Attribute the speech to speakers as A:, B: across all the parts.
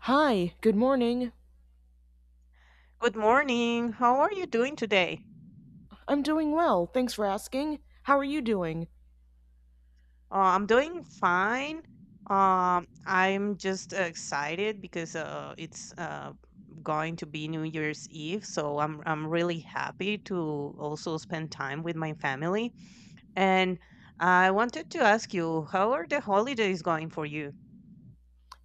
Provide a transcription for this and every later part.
A: Hi, good morning.
B: Good morning. How are you doing today?
A: I'm doing well, thanks for asking. How are you doing?
B: I'm doing fine. I'm just excited because it's going to be New Year's Eve, so I'm really happy to also spend time with my family. And I wanted to ask you, how are the holidays going for you?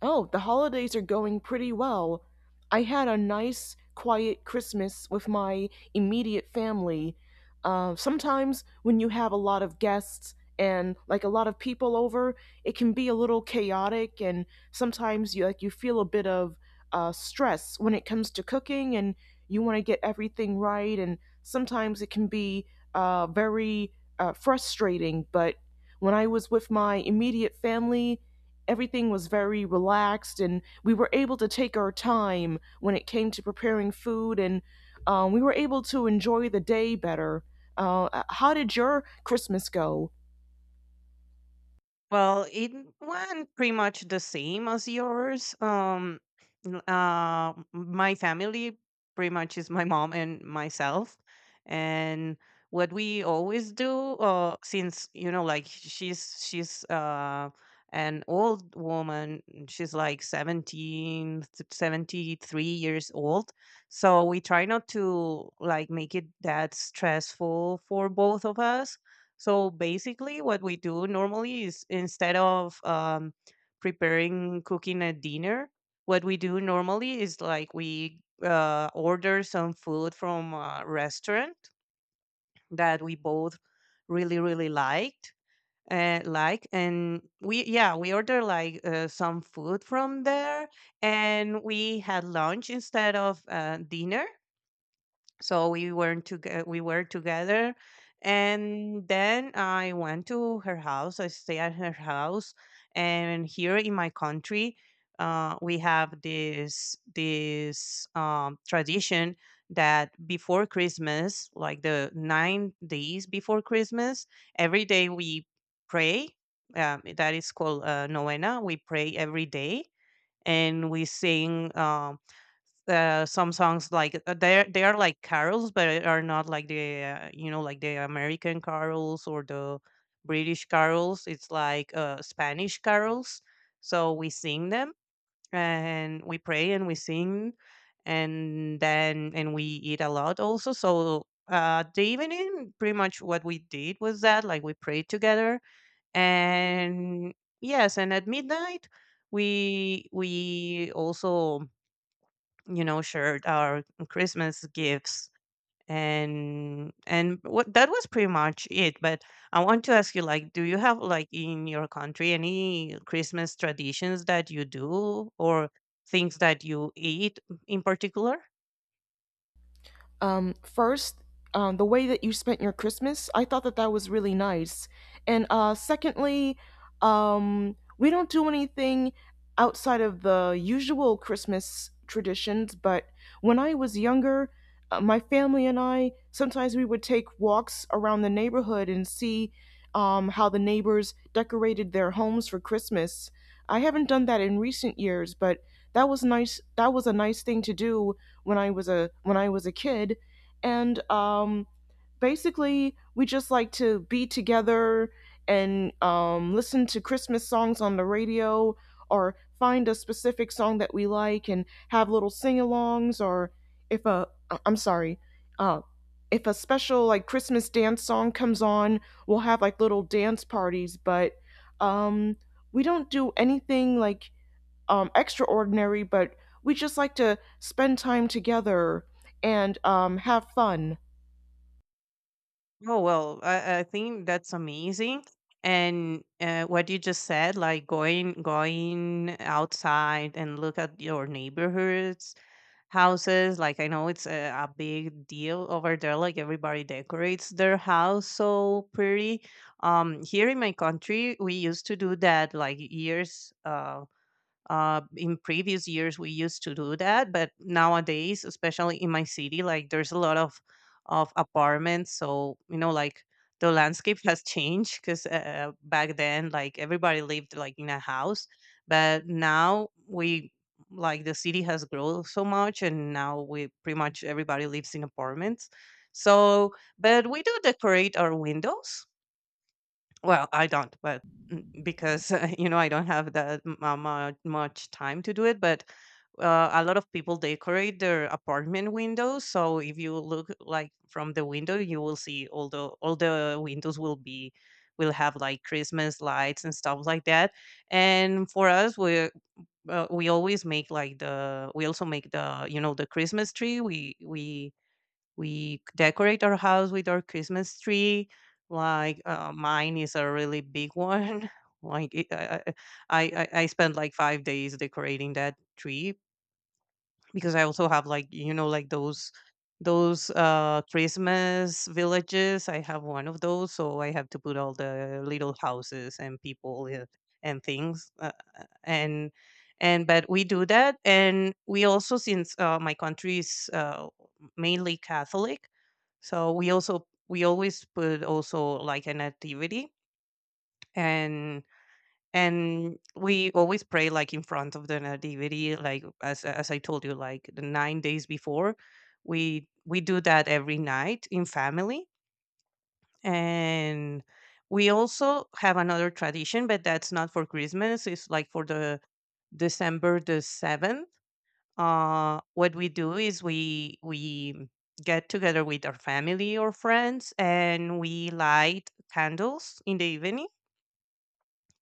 A: Oh, the holidays are going pretty well. I had a nice, quiet Christmas with my immediate family. Sometimes when you have a lot of guests and like a lot of people over, it can be a little chaotic, and sometimes you like you feel a bit of stress when it comes to cooking, and you want to get everything right, and sometimes it can be very frustrating, but when I was with my immediate family, everything was very relaxed and we were able to take our time when it came to preparing food and we were able to enjoy the day better. How did your Christmas go?
B: Well, it went pretty much the same as yours. My family pretty much is my mom and myself, and what we always do, since you know, like she's an old woman. She's like 17 seventy three years old. So we try not to like make it that stressful for both of us, so basically, what we do normally is instead of preparing cooking a dinner, what we do normally is like we order some food from a restaurant that we both really really liked, and like and we, yeah, we order like some food from there, and we had lunch instead of dinner, so we weren't we were together. And then I went to her house, I stay at her house. And here in my country, we have this tradition that before Christmas, like the 9 days before Christmas, every day we pray, that is called novena. We pray every day, and we sing, some songs like, they are like carols, but are not like the like the American carols or the British carols. It's like Spanish carols. So we sing them, and we pray and we sing, and then and we eat a lot also. So the evening, pretty much what we did was that like we prayed together and, yes, and at midnight we also, you know, shared our Christmas gifts, and what, that was pretty much it. But I want to ask you, like, do you have like in your country any Christmas traditions that you do or things that you eat in particular?
A: First, the way that you spent your Christmas, I thought that that was really nice. And secondly, we don't do anything outside of the usual Christmas traditions, but when I was younger, my family and I sometimes we would take walks around the neighborhood and see how the neighbors decorated their homes for Christmas. I haven't done that in recent years, but that was nice. That was a nice thing to do when I was a kid, and basically we just like to be together and listen to Christmas songs on the radio or find a specific song that we like and have little sing-alongs or if a I'm sorry, uh, if a special like Christmas dance song comes on, we'll have like little dance parties, but um, we don't do anything like extraordinary, but we just like to spend time together and have fun.
B: Oh, well, I think that's amazing. And what you just said, like going outside and look at your neighborhoods' houses. Like I know it's a big deal over there. Like everybody decorates their house so pretty. Here in my country, we used to do that like years in previous years, we used to do that, but nowadays, especially in my city, like there's a lot of apartments. So, you know, like the landscape has changed because back then, like everybody lived like in a house, but now we like the city has grown so much, and now we pretty much everybody lives in apartments. So, but we do decorate our windows. Well, I don't, but because you know I don't have that much time to do it. But a lot of people decorate their apartment windows, so if you look like from the window, you will see all the windows will have like Christmas lights and stuff like that. And for us, we always make like the, we also make the, you know, the Christmas tree. We decorate our house with our Christmas tree. Like, mine is a really big one. Like it, I spent like 5 days decorating that tree because I also have like you know like those Christmas villages. I have one of those, so I have to put all the little houses and and things, uh, and and but we do that. And we also, since my country is mainly Catholic, so we always put also like an activity. And and we always pray like in front of the nativity, like as I told you, like the 9 days before, we do that every night in family. And we also have another tradition, but that's not for Christmas. It's like for the December the 7th. What we do is we get together with our family or friends, and we light candles in the evening.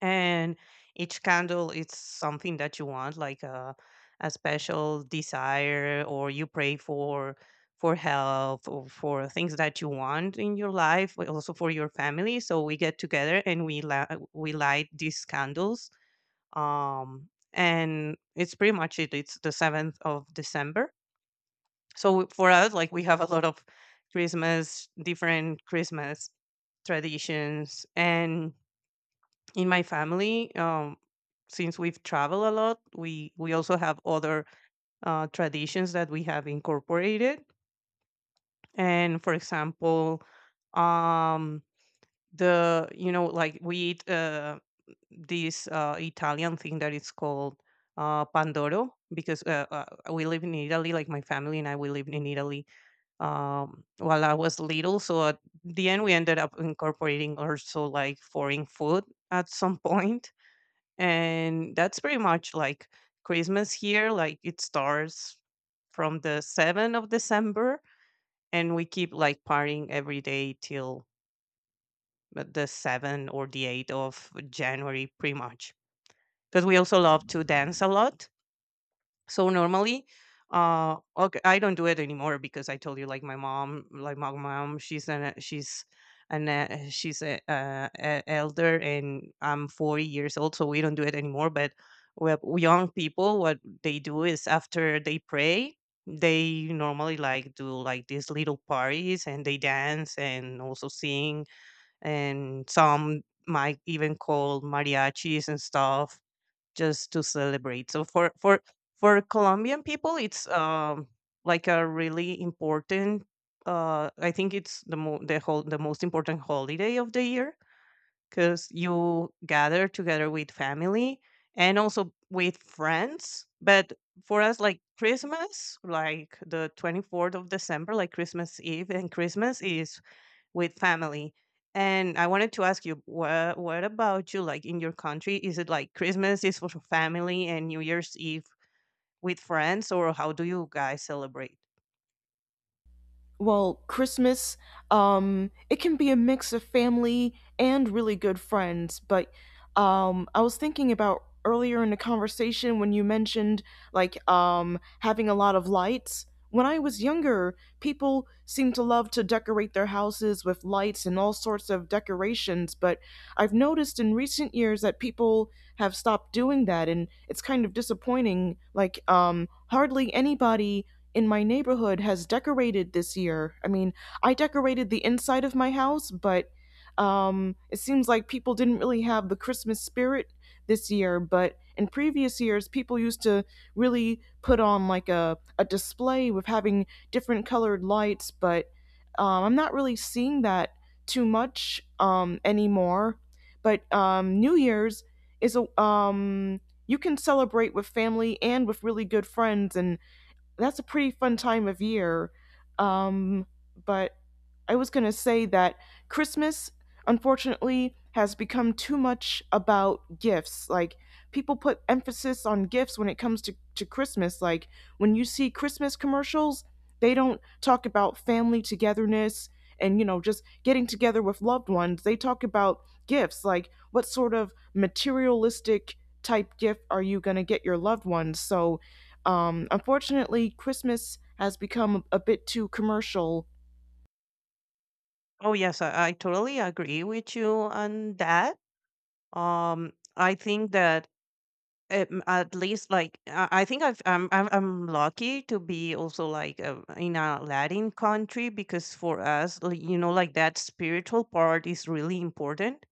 B: And each candle is something that you want, like a special desire, or you pray for health, or for things that you want in your life but also for your family, so we get together and we light these candles. And it's pretty much it. It's the 7th of December. So for us, like, we have a lot of christmas different Christmas traditions, and in my family, since we've traveled a lot, we also have other traditions that we have incorporated. And for example, um the, you know, like we eat, this Italian thing that is called pandoro, because we live in Italy. Like my family and I, we lived in Italy while I was little. So at the end, we ended up incorporating also like foreign food at some point. And that's pretty much like Christmas here. Like, it starts from the 7th of December, and we keep like partying every day till the 7th or the 8th of January pretty much, because we also love to dance a lot. So, normally, okay, I don't do it anymore because I told you, like my mom, she's an she's an she's a elder, and I'm 40 years old, so we don't do it anymore. But we young people, what they do is after they pray, they normally like do like these little parties, and they dance and also sing, and some might even call mariachis and stuff just to celebrate. So for Colombian people, it's like a really important. I think it's the most important holiday of the year, because you gather together with family and also with friends. But for us, like Christmas, like the 24th of December, like Christmas Eve and Christmas is with family. And I wanted to ask you, what about you? Like in your country, is it like Christmas is for family and New Year's Eve with friends, or how do you guys celebrate?
A: Well, Christmas, it can be a mix of family and really good friends. But I was thinking about earlier in the conversation when you mentioned like having a lot of lights. When I was younger, people seemed to love to decorate their houses with lights and all sorts of decorations. But I've noticed in recent years that people have stopped doing that, and it's kind of disappointing. Like, hardly anybody in my neighborhood has decorated this year. I mean, I decorated the inside of my house, but it seems like people didn't really have the Christmas spirit this year. But in previous years, people used to really put on like a display with having different colored lights, but I'm not really seeing that too much anymore. But New Year's is a you can celebrate with family and with really good friends and that's a pretty fun time of year. Um, but I was going to say that Christmas, unfortunately, has become too much about gifts. Like, people put emphasis on gifts when it comes to Christmas. Like, when you see Christmas commercials, they don't talk about family togetherness and, you know, just getting together with loved ones. They talk about gifts. Like, what sort of materialistic type gift are you going to get your loved ones? So, unfortunately, Christmas has become a bit too commercial.
B: Oh, yes, I totally agree with you on that. I think that at least like I think I've, I'm lucky to be also like in a Latin country, because for us, like, you know, like that spiritual part is really important,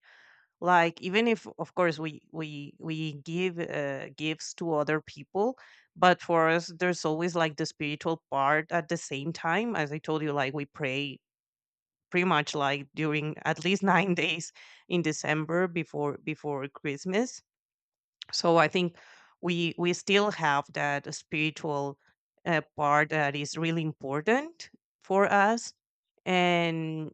B: like even if of course we give gifts to other people, but for us there's always like the spiritual part at the same time. As I told you, like, we pray pretty much like during at least 9 days in December before Christmas. So I think we still have that spiritual part that is really important for us, and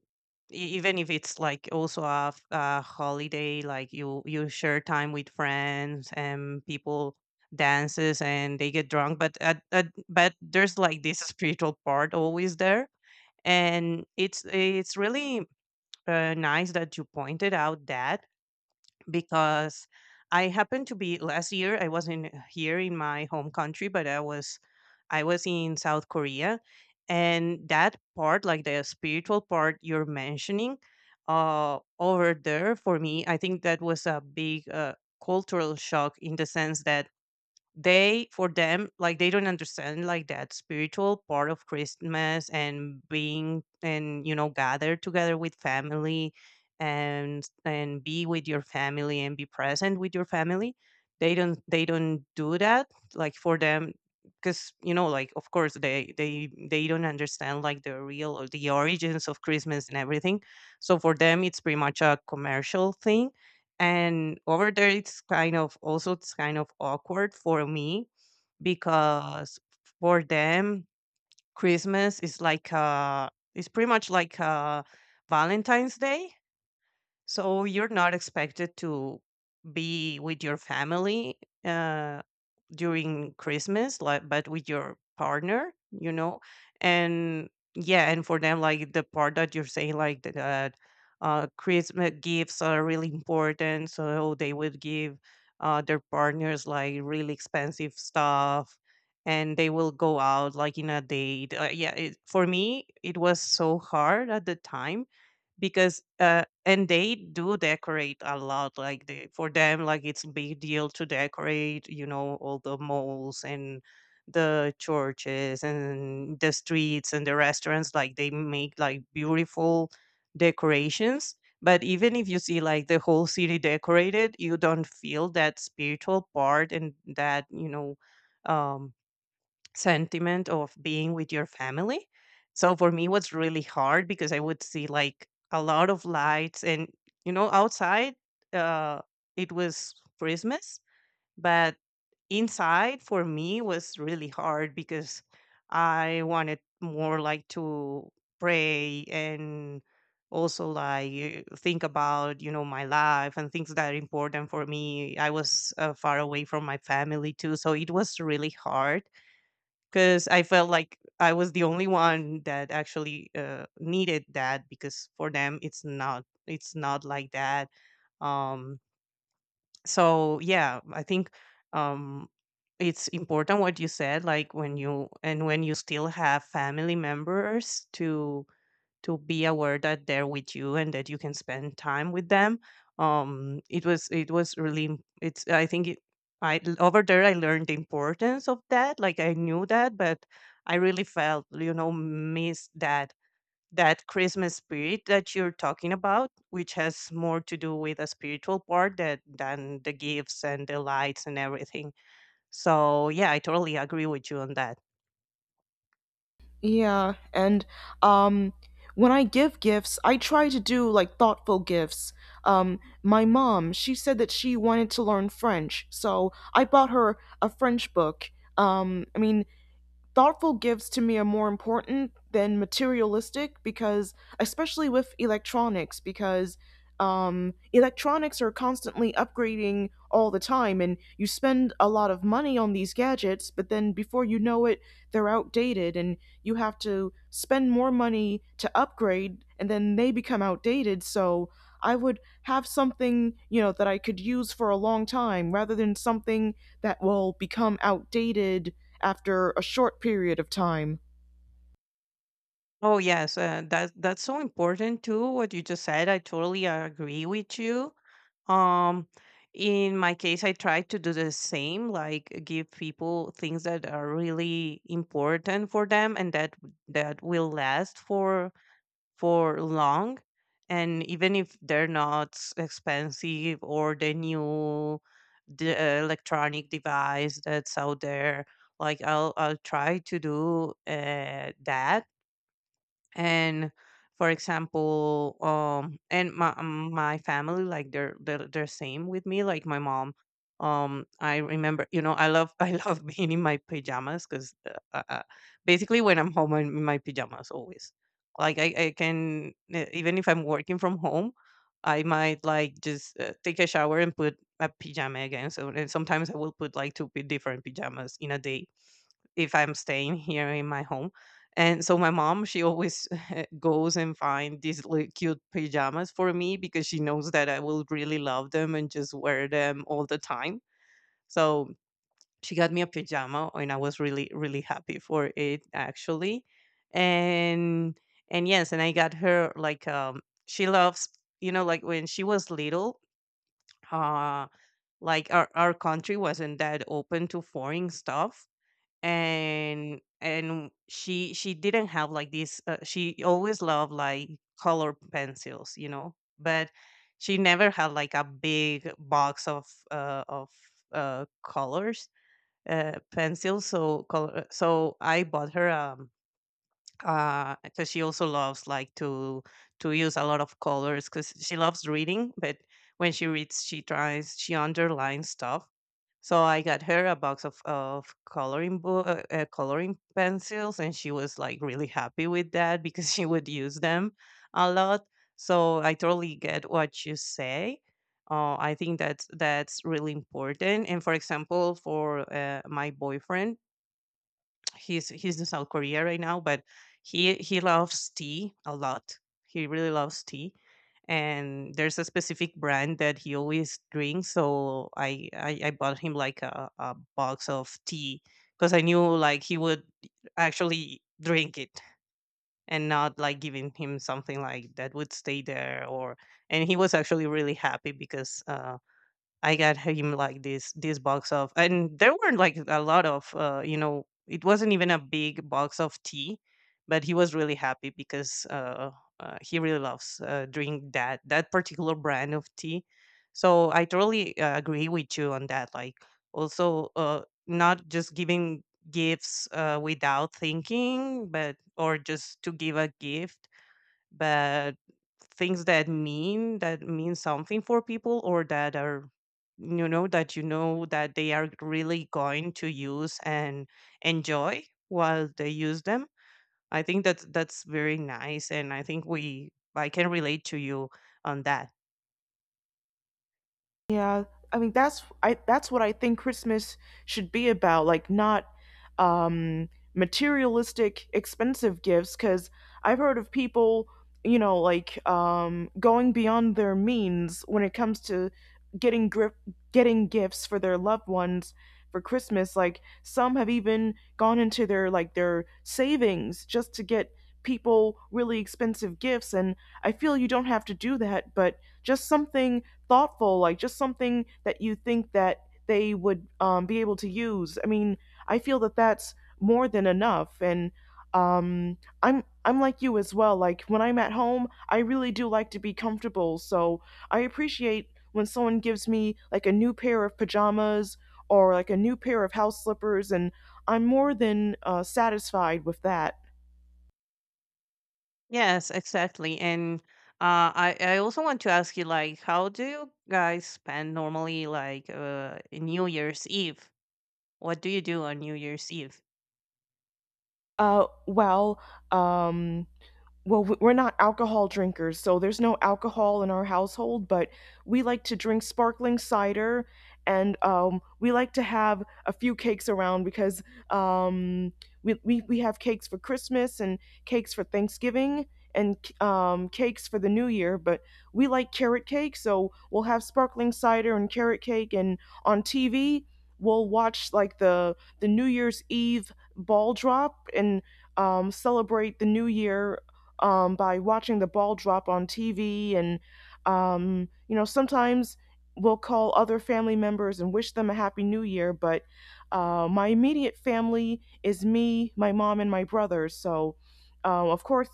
B: even if it's like also a holiday, like you share time with friends and people, dances, and they get drunk, but but there's like this spiritual part always there. And it's really nice that you pointed out that, because I happened to be last year, I wasn't here in my home country, but I was in South Korea, and that part, like the spiritual part you're mentioning, over there for me, I think that was a big cultural shock in the sense that they for them, like, they don't understand like that spiritual part of Christmas and being and, you know, gather together with family, and be with your family and be present with your family. They don't do that, like for them. Because, you know, like, of course they don't understand like the real or the origins of Christmas and everything. So for them it's pretty much a commercial thing. And over there, it's kind of awkward for me, because for them, Christmas is like, it's pretty much like Valentine's Day, so you're not expected to be with your family uh, during Christmas, like, but with your partner, you know, and, yeah, and for them, like the part that you're saying, like that, Christmas gifts are really important, so they would give their partners like really expensive stuff. And they will go out like in a date. Yeah, for me it was so hard at the time, because and they do decorate a lot, like they for them like it's a big deal to decorate, you know, all the malls and the churches and the streets and the restaurants, like they make like beautiful decorations. But even if you see like the whole city decorated, you don't feel that spiritual part and that, you know, um sentiment of being with your family. So for me, it was really hard because I would see like a lot of lights, and you know, outside uh, it was Christmas, but inside for me was really hard because I wanted more like to pray and also think about you know my life and things that are important for me. I was far away from my family too, so it was really hard because I felt like I was the only one that actually needed that, because for them it's not like that. Um, so yeah, I think um, it's important what you said. Like when you still have family members to be aware that they're with you and that you can spend time with them. It was really im- it's I think I, over there, I learned the importance of that. Like I knew that, but I really felt you know miss that Christmas spirit that you're talking about, which has more to do with a spiritual part that than the gifts and the lights and everything. So yeah, I totally agree with you on that.
A: Yeah, and um, when I give gifts, I try to do like thoughtful gifts. My mom, she said that she wanted to learn French, so I bought her a French book. I mean, thoughtful gifts to me are more important than materialistic because especially with electronics because electronics are constantly upgrading all the time and you spend a lot of money on these gadgets, but then before you know it they're outdated and you have to spend more money to upgrade and then they become outdated, so I would have something, you know, that I could use for a long time rather than something that will become outdated after a short period of time.
B: Oh yes, that's so important too. What you just said, I totally agree with you. Um, in my case, I try to do the same, like give people things that are really important for them and that will last for long. And even if they're not expensive or the electronic device that's out there, like I'll try to do that and for example and my my family like they're same with me like my mom. I remember you know I love I love being in my pajamas because basically when I'm home I'm in my pajamas always. I can even if I'm working from home, I might like just take a shower and put a pajama again. So and sometimes I will put like different pajamas in a day if I'm staying here in my home. And so my mom, she always goes and find these little cute pajamas for me because she knows that I will really love them and just wear them all the time. So she got me a pajama and I was really really happy for it actually. And and yes, and I got her like she loves, you know, like when she was little, uh like our country wasn't that open to foreign stuff, and she didn't have like this she always loved like color pencils you know, but she never had like a big box of uh, of colors, pencils, so color. So I bought her a because she also loves like to use a lot of colors because she loves reading, but when she reads she underlines stuff. So I got her a box of coloring book, coloring pencils, and she was like really happy with that because she would use them a lot. So I totally get what you say. I think that's really important. And for example, for my boyfriend, he's in South Korea right now, but he loves tea a lot. He really loves tea, and there's a specific brand that he always drinks. So I bought him like a box of tea because I knew like he would actually drink it, and not like giving him something like that would stay there. Or, and he was actually really happy because I got him like this box of, and there were like a lot of, you know, it wasn't even a big box of tea, but he was really happy because he really loves drink that particular brand of tea. So I totally agree with you on that. Like also, not just giving gifts without thinking, but or just to give a gift, but things that mean something for people, or that are you know that they are really going to use and enjoy while they use them. I think that that's very nice, and I think we I can relate to you on that.
A: Yeah, I mean, that's what I think Christmas should be about, like not um materialistic expensive gifts cuz I've heard of people, you know, like going beyond their means when it comes to getting grip, getting gifts for their loved ones for Christmas. Like some have even gone into their savings just to get people really expensive gifts, and I feel you don't have to do that, but just something thoughtful, like just something that you think that they would be able to use. I mean, I feel that that's more than enough, and I'm like you as well. Like when I'm at home, I really do like to be comfortable, so I appreciate when someone gives me like a new pair of pajamas or like a new pair of house slippers, and I'm more than satisfied with that.
B: Yes, exactly. And I also want to ask you like how do you guys spend normally like New Year's Eve? What do you do on New Year's Eve?
A: Uh, well, um, well, we're not alcohol drinkers, so there's no alcohol in our household, but we like to drink sparkling cider and we like to have a few cakes around because um, we have cakes for Christmas and cakes for Thanksgiving and cakes for the new year, but we like carrot cake, so we'll have sparkling cider and carrot cake. And on TV, we'll watch like the New Year's Eve ball drop and celebrate the new year by watching the ball drop on TV. And, you know, sometimes we'll call other family members and wish them a happy new year. But my immediate family is me, my mom, and my brother. So, of course,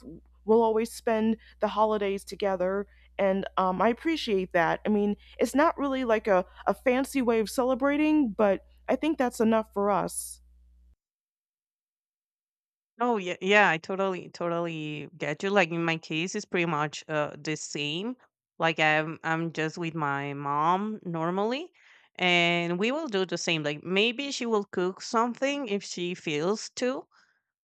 A: we'll always spend the holidays together. And I appreciate that. I mean, it's not really like a fancy way of celebrating, but I think that's enough for us.
B: Oh yeah, yeah, I totally totally get you. Like in my case, it's pretty much the same. Like I'm just with my mom normally, and we will do the same. Like maybe she will cook something if she feels to,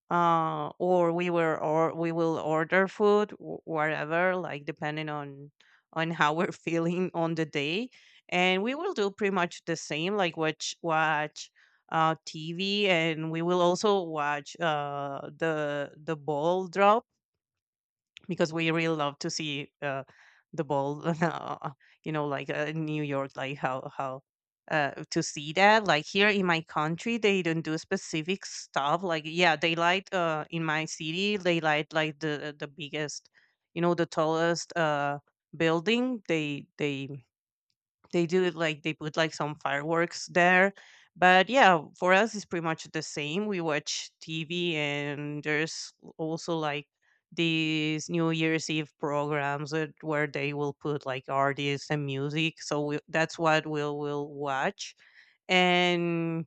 B: or we will order food, whatever, like depending on how we're feeling on the day. And we will do pretty much the same, like watch TV, and we will also watch the ball drop because we really love to see the ball you know, like in new york, like how to see that. Like here in my country they don't do specific stuff like yeah, they light in my city they light like the biggest you know the tallest building, they they do it like they put like some fireworks there. But yeah, for us it's pretty much the same. We watch TV, and there's also like these New Year's Eve programs where they will put like artists and music. So that's what we'll will watch. And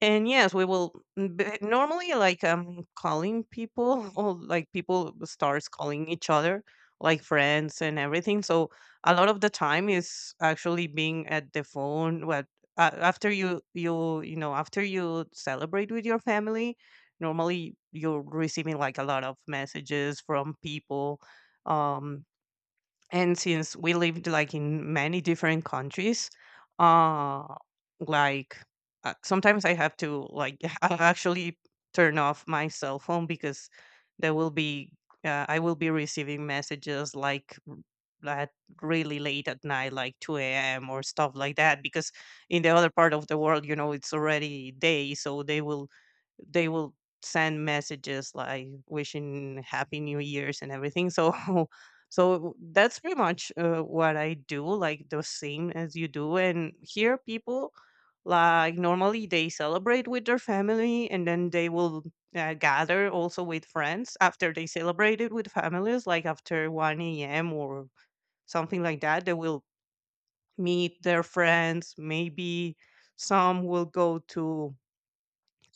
B: and yes, we will normally like calling people or like people starts calling each other like friends and everything. So a lot of the time is actually being at the phone. What after you know, after you celebrate with your family, normally you're receiving like a lot of messages from people. Um, and since we lived like in many different countries uh like sometimes I have to like I'll actually turn off my cell phone because there will be I will be receiving messages like r- at really late at night, like 2 a.m or stuff like that, because in the other part of the world you know it's already day, so they will send messages like wishing happy new years and everything. So so that's pretty much what I do, like the same as you do. And here people, like normally they celebrate with their family and then they will gather also with friends after they celebrated with families, like after 1 a.m or something like that, they will meet their friends. Maybe some will go to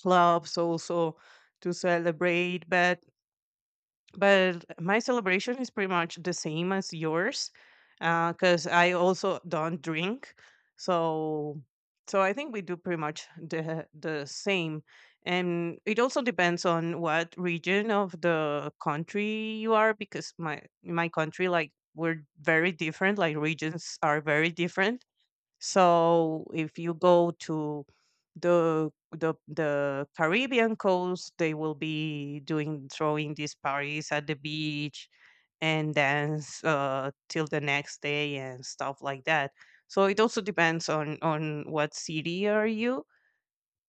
B: clubs also to celebrate, but my celebration is pretty much the same as yours because I also don't drink. So I think we do pretty much the same. And it also depends on what region of the country you are because my in my country like we're very different, like regions are very different. So if you go to the Caribbean coast, they will be doing throwing these parties at the beach and dance till the next day and stuff like that. So it also depends on what city are you.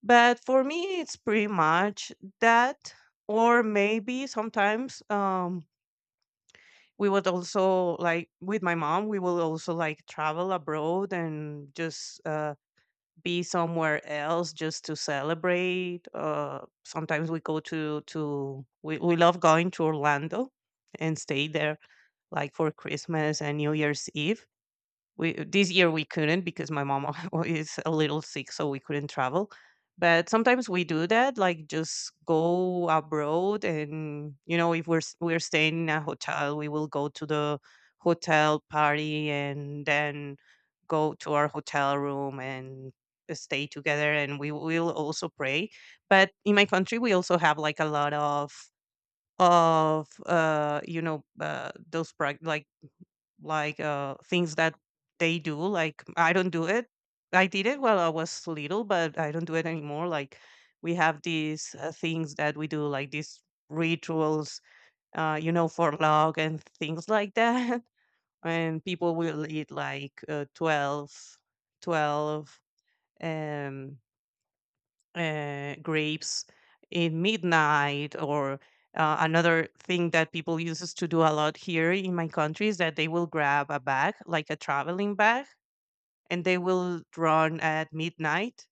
B: But for me, it's pretty much that, or maybe sometimes we would also like with my mom, we will also like travel abroad and just be somewhere else just to celebrate. Sometimes we go to we love going to Orlando and stay there like for Christmas and New Year's Eve. We this year we couldn't because my mom is a little sick, so we couldn't travel. But sometimes we do that, like just go abroad. And you know, if we're staying in a hotel, we will go to the hotel party and then go to our hotel room and stay together. And we will also pray. But in my country, we also have like a lot of like things that they do. Like, I don't do it. I did it while I was little, but I don't do it anymore. Like, we have these things that we do, like these rituals, for luck and things like that. And people will eat like 12 twelve, um grapes in midnight. Or another thing that people uses to do a lot here in my country is that they will grab a bag, like a traveling bag, and they will run at midnight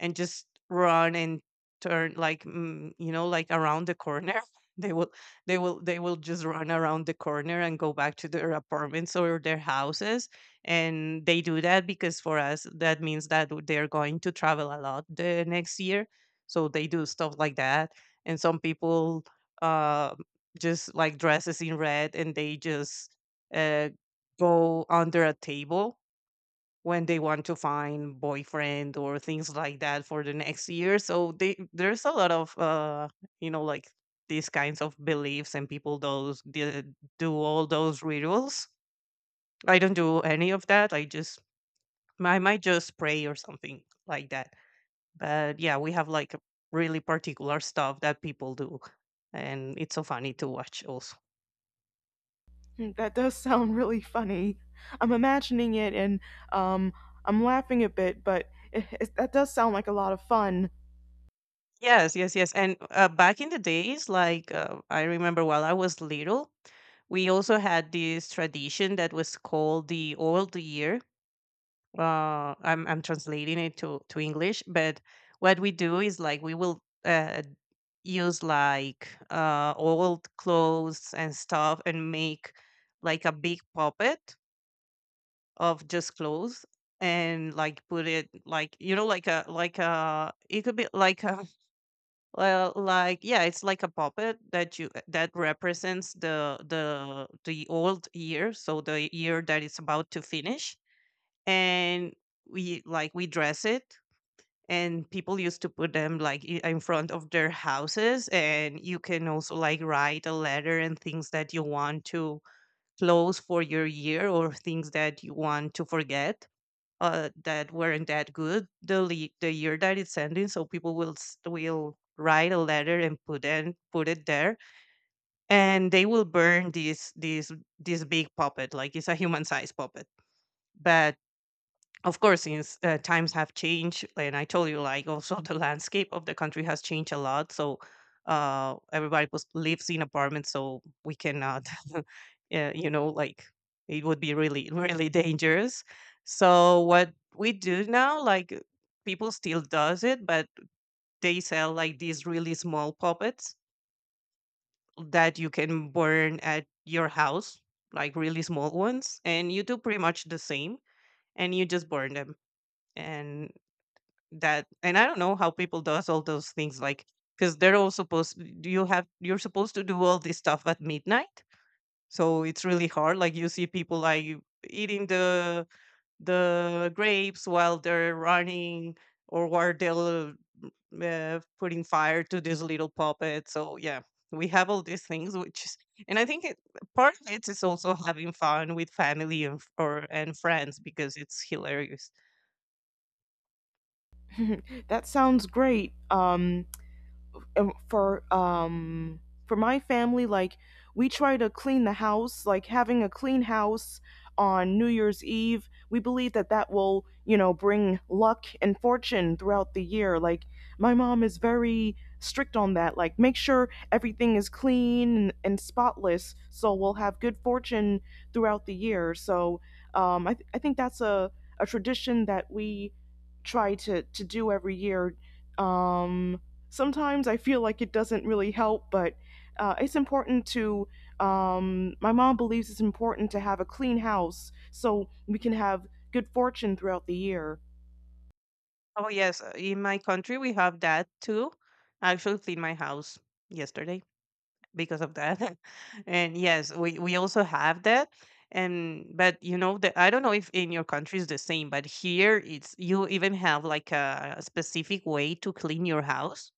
B: and just run and turn like, you know, like around the corner. they will they will just run around the corner and go back to their apartments or their houses. And they do that because for us that means that they're going to travel a lot the next year. So they do stuff like that. And some people, uh, just like dresses in red, and they just uh, go under a table when they want to find boyfriend or things like that for the next year. So they, there's a lot of, you know like these kinds of beliefs, and people do all those rituals. I don't do any of that. I might just pray or something like that. But yeah, we have like really particular stuff that people do, and it's so funny to watch also.
A: Mm, that does sound really funny. I'm imagining it and um, I'm laughing a bit, but that does sound like a lot of fun.
B: Yes, yes, yes. And back in the days, like, I remember while I was little, we also had this tradition that was called the old year. I'm translating it to English, but what we do is like we will, use like, old clothes and stuff and make like a big puppet of just clothes. And like put it like, you know, like a, it could be like a, well, like, yeah, it's like a puppet that you, that represents the, the old year, so the year that is about to finish. And we dress it, and people used to put them like, in front of their houses. And you can also like write a letter and things that you want to close for your year, or things that you want to forget, that weren't that good the year that it's ending. So people will will write a letter and put it there, and they will burn this big puppet, like it's a human sized puppet. But of course, since, times have changed, and I told you like also, the landscape of the country has changed a lot. So everybody was lives in apartments, so we cannot. Yeah, you know, like it would be really, really dangerous. So what we do now, like, people still does it, but they sell like these really small puppets that you can burn at your house, like really small ones, and you do pretty much the same, and you just burn them. And that, and I don't know how people does all those things, like, because they're all supposed, do you have you're supposed to do all this stuff at midnight. So it's really hard, like you see people like eating the grapes while they're running, or while they're, putting fire to this little puppet. So yeah, we have all these things, which is, and I think it, part of it is also having fun with family, and or and friends, because it's hilarious.
A: That sounds great. Um, for um for my family, like we try to clean the house, like having a clean house on New Year's Eve, we believe that that will, you know, bring luck and fortune throughout the year. Like my mom is very strict on that, like make sure everything is clean and spotless so we'll have good fortune throughout the year. So I think that's a tradition that we try to do every year. um, Sometimes I feel like it doesn't really help, but it's important to. My mom believes it's important to have a clean house so we can have good fortune throughout the year.
B: Oh yes, in my country we have that too. I actually cleaned my house yesterday because of that. And yes, we also have that. And but you know that, I don't know if in your country is the same, but here it's, you even have like a specific way to clean your house.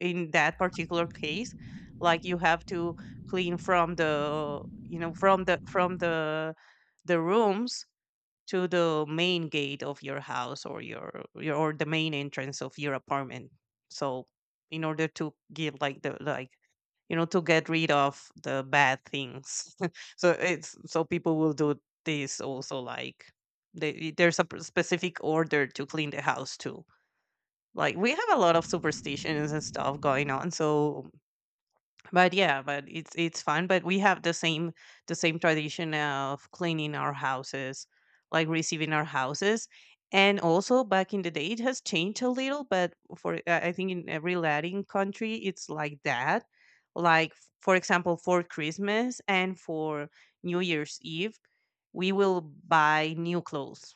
B: In that particular case, like, you have to clean from the, you know, from the, the rooms to the main gate of your house, or your, or the main entrance of your apartment. So in order to give like the, like, you know, to get rid of the bad things. So it's, so people will do this also, like they, there's a specific order to clean the house too. Like, we have a lot of superstitions and stuff going on. So, but yeah, but it's fun. But we have the same, the same tradition of cleaning our houses, like receiving our houses. And also back in the day it has changed a little. But for, I think in every Latin country it's like that. Like for example, for Christmas and for New Year's Eve, we will buy new clothes,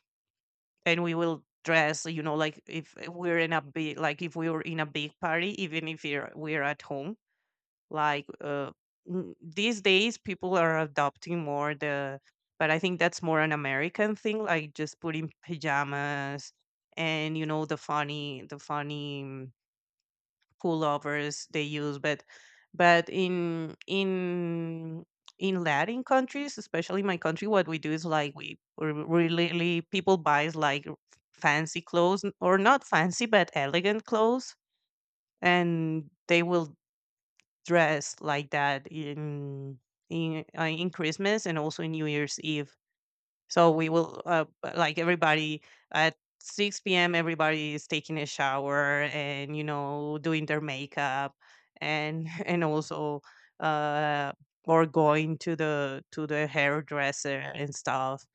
B: and we will dress. You know, like if we're in a big, like if we were in a big party, even if you're, we're at home, like, these days, people are adopting more the, but I think that's more an American thing, like just putting pajamas, and, you know, the funny, the funny pullovers they use. But in Latin countries, especially my country, what we do is like we really, people buys like fancy clothes, or not fancy but elegant clothes, and they will dressed like that in, in Christmas, and also in New Year's Eve. So we will, like everybody at 6 p.m. Everybody is taking a shower and, you know, doing their makeup, and and also, uh or going to the, to the hairdresser and stuff,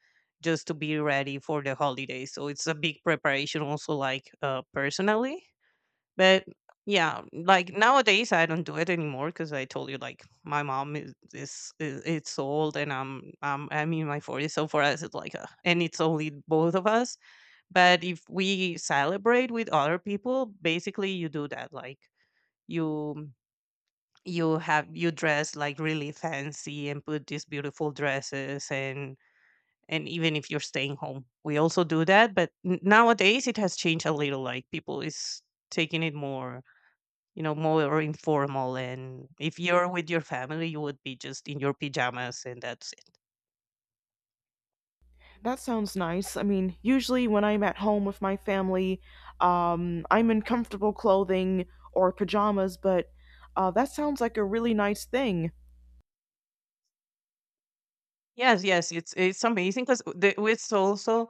B: just to be ready for the holiday. So it's a big preparation also, like, personally. But yeah, like nowadays I don't do it anymore, because I told you, like, my mom is, it's old, and I'm, I'm in my forties. So for us it's like a, and it's only both of us. But if we celebrate with other people, basically you do that, like you you have, you dress like really fancy and put these beautiful dresses, and even if you're staying home we also do that. But nowadays it has changed a little, like people is taking it more, you know, more informal. And if you're with your family, you would be just in your pajamas, and that's it.
A: That sounds nice. I mean, usually when I'm at home with my family, I'm in comfortable clothing or pajamas, but that sounds like a really nice thing.
B: Yes, yes, it's amazing, because it's also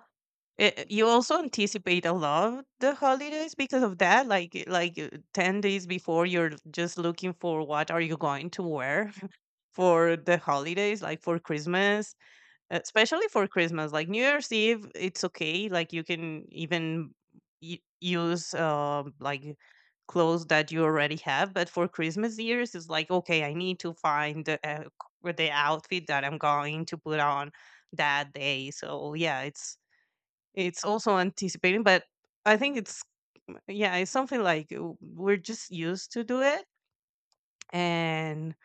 B: it, you also anticipate a lot of the holidays because of that. Like like 10 days before, you're just looking for what are you going to wear. For the holidays, like for Christmas, especially for Christmas. Like New Year's Eve, it's okay, like you can even use like clothes that you already have. But for Christmas years, it's like, okay, I need to find the, with the outfit that I'm going to put on that day. So yeah, it's also anticipating. But I think it's, yeah, it's something like, we're just used to do it. And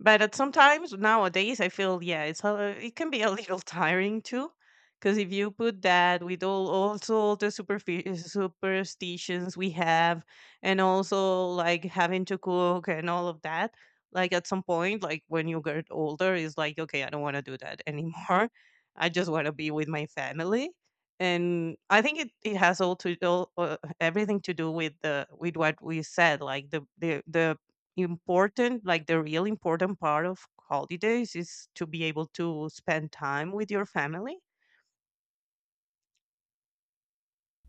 B: but at sometimes nowadays I feel, yeah, it's a, it can be a little tiring too, because if you put that with all, also all the superstitions we have, and also like having to cook and all of that, like at some point, like when you get older it's like, okay, I don't want to do that anymore. I just want to be with my family. And I think it, it has all to all, everything to do with the, with what we said, like the, the important, like the real important part of holidays is to be able to spend time with your family.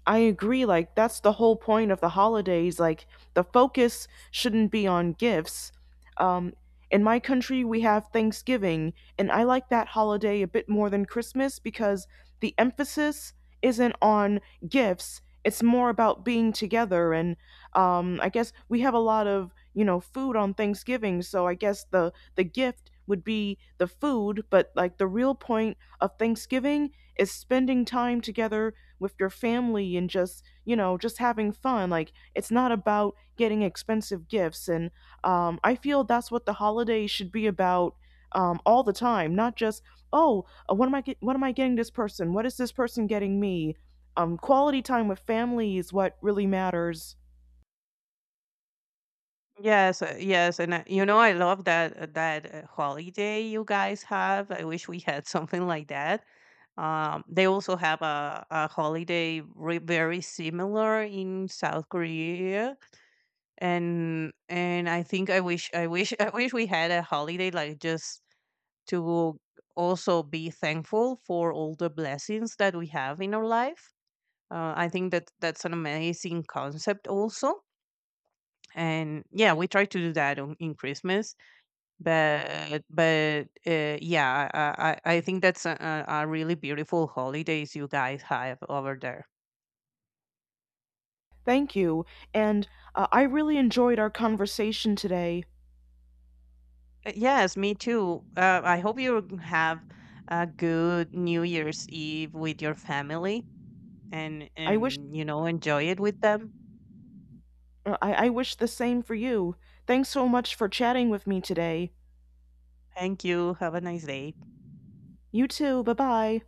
A: I agree. Like, that's the whole point of the holidays. Like, the focus shouldn't be on gifts. Um, in my country, we have Thanksgiving, and I like that holiday a bit more than Christmas because the emphasis isn't on gifts. It's more about being together. And I guess we have a lot of, you know, food on Thanksgiving. So I guess the gift would be the food. But, like, the real point of Thanksgiving is spending time together with your family and just, you know, just having fun. Like, it's not about getting expensive gifts, and I feel that's what the holidays should be about all the time, not just, oh, what am I getting this person, what is this person getting me. Quality time with family is what really matters.
B: Yes, yes, and, you know, I love that, that, holiday you guys have. I wish we had something like that. They also have a holiday very similar in South Korea. And I think I wish, I wish, I wish we had a holiday like, just to also be thankful for all the blessings that we have in our life. I think that that's an amazing concept also. And yeah, we try to do that on, in Christmas. But, yeah, I, I think that's a really beautiful holidays you guys have over there.
A: Thank you, and I really enjoyed our conversation today.
B: Yes, me too. I hope you have a good new year's eve with your family, and
A: I wish
B: and you know, enjoy it with them.
A: I wish the same for you. Thanks so much for chatting with me today.
B: Thank you, have a nice day.
A: You too, bye bye.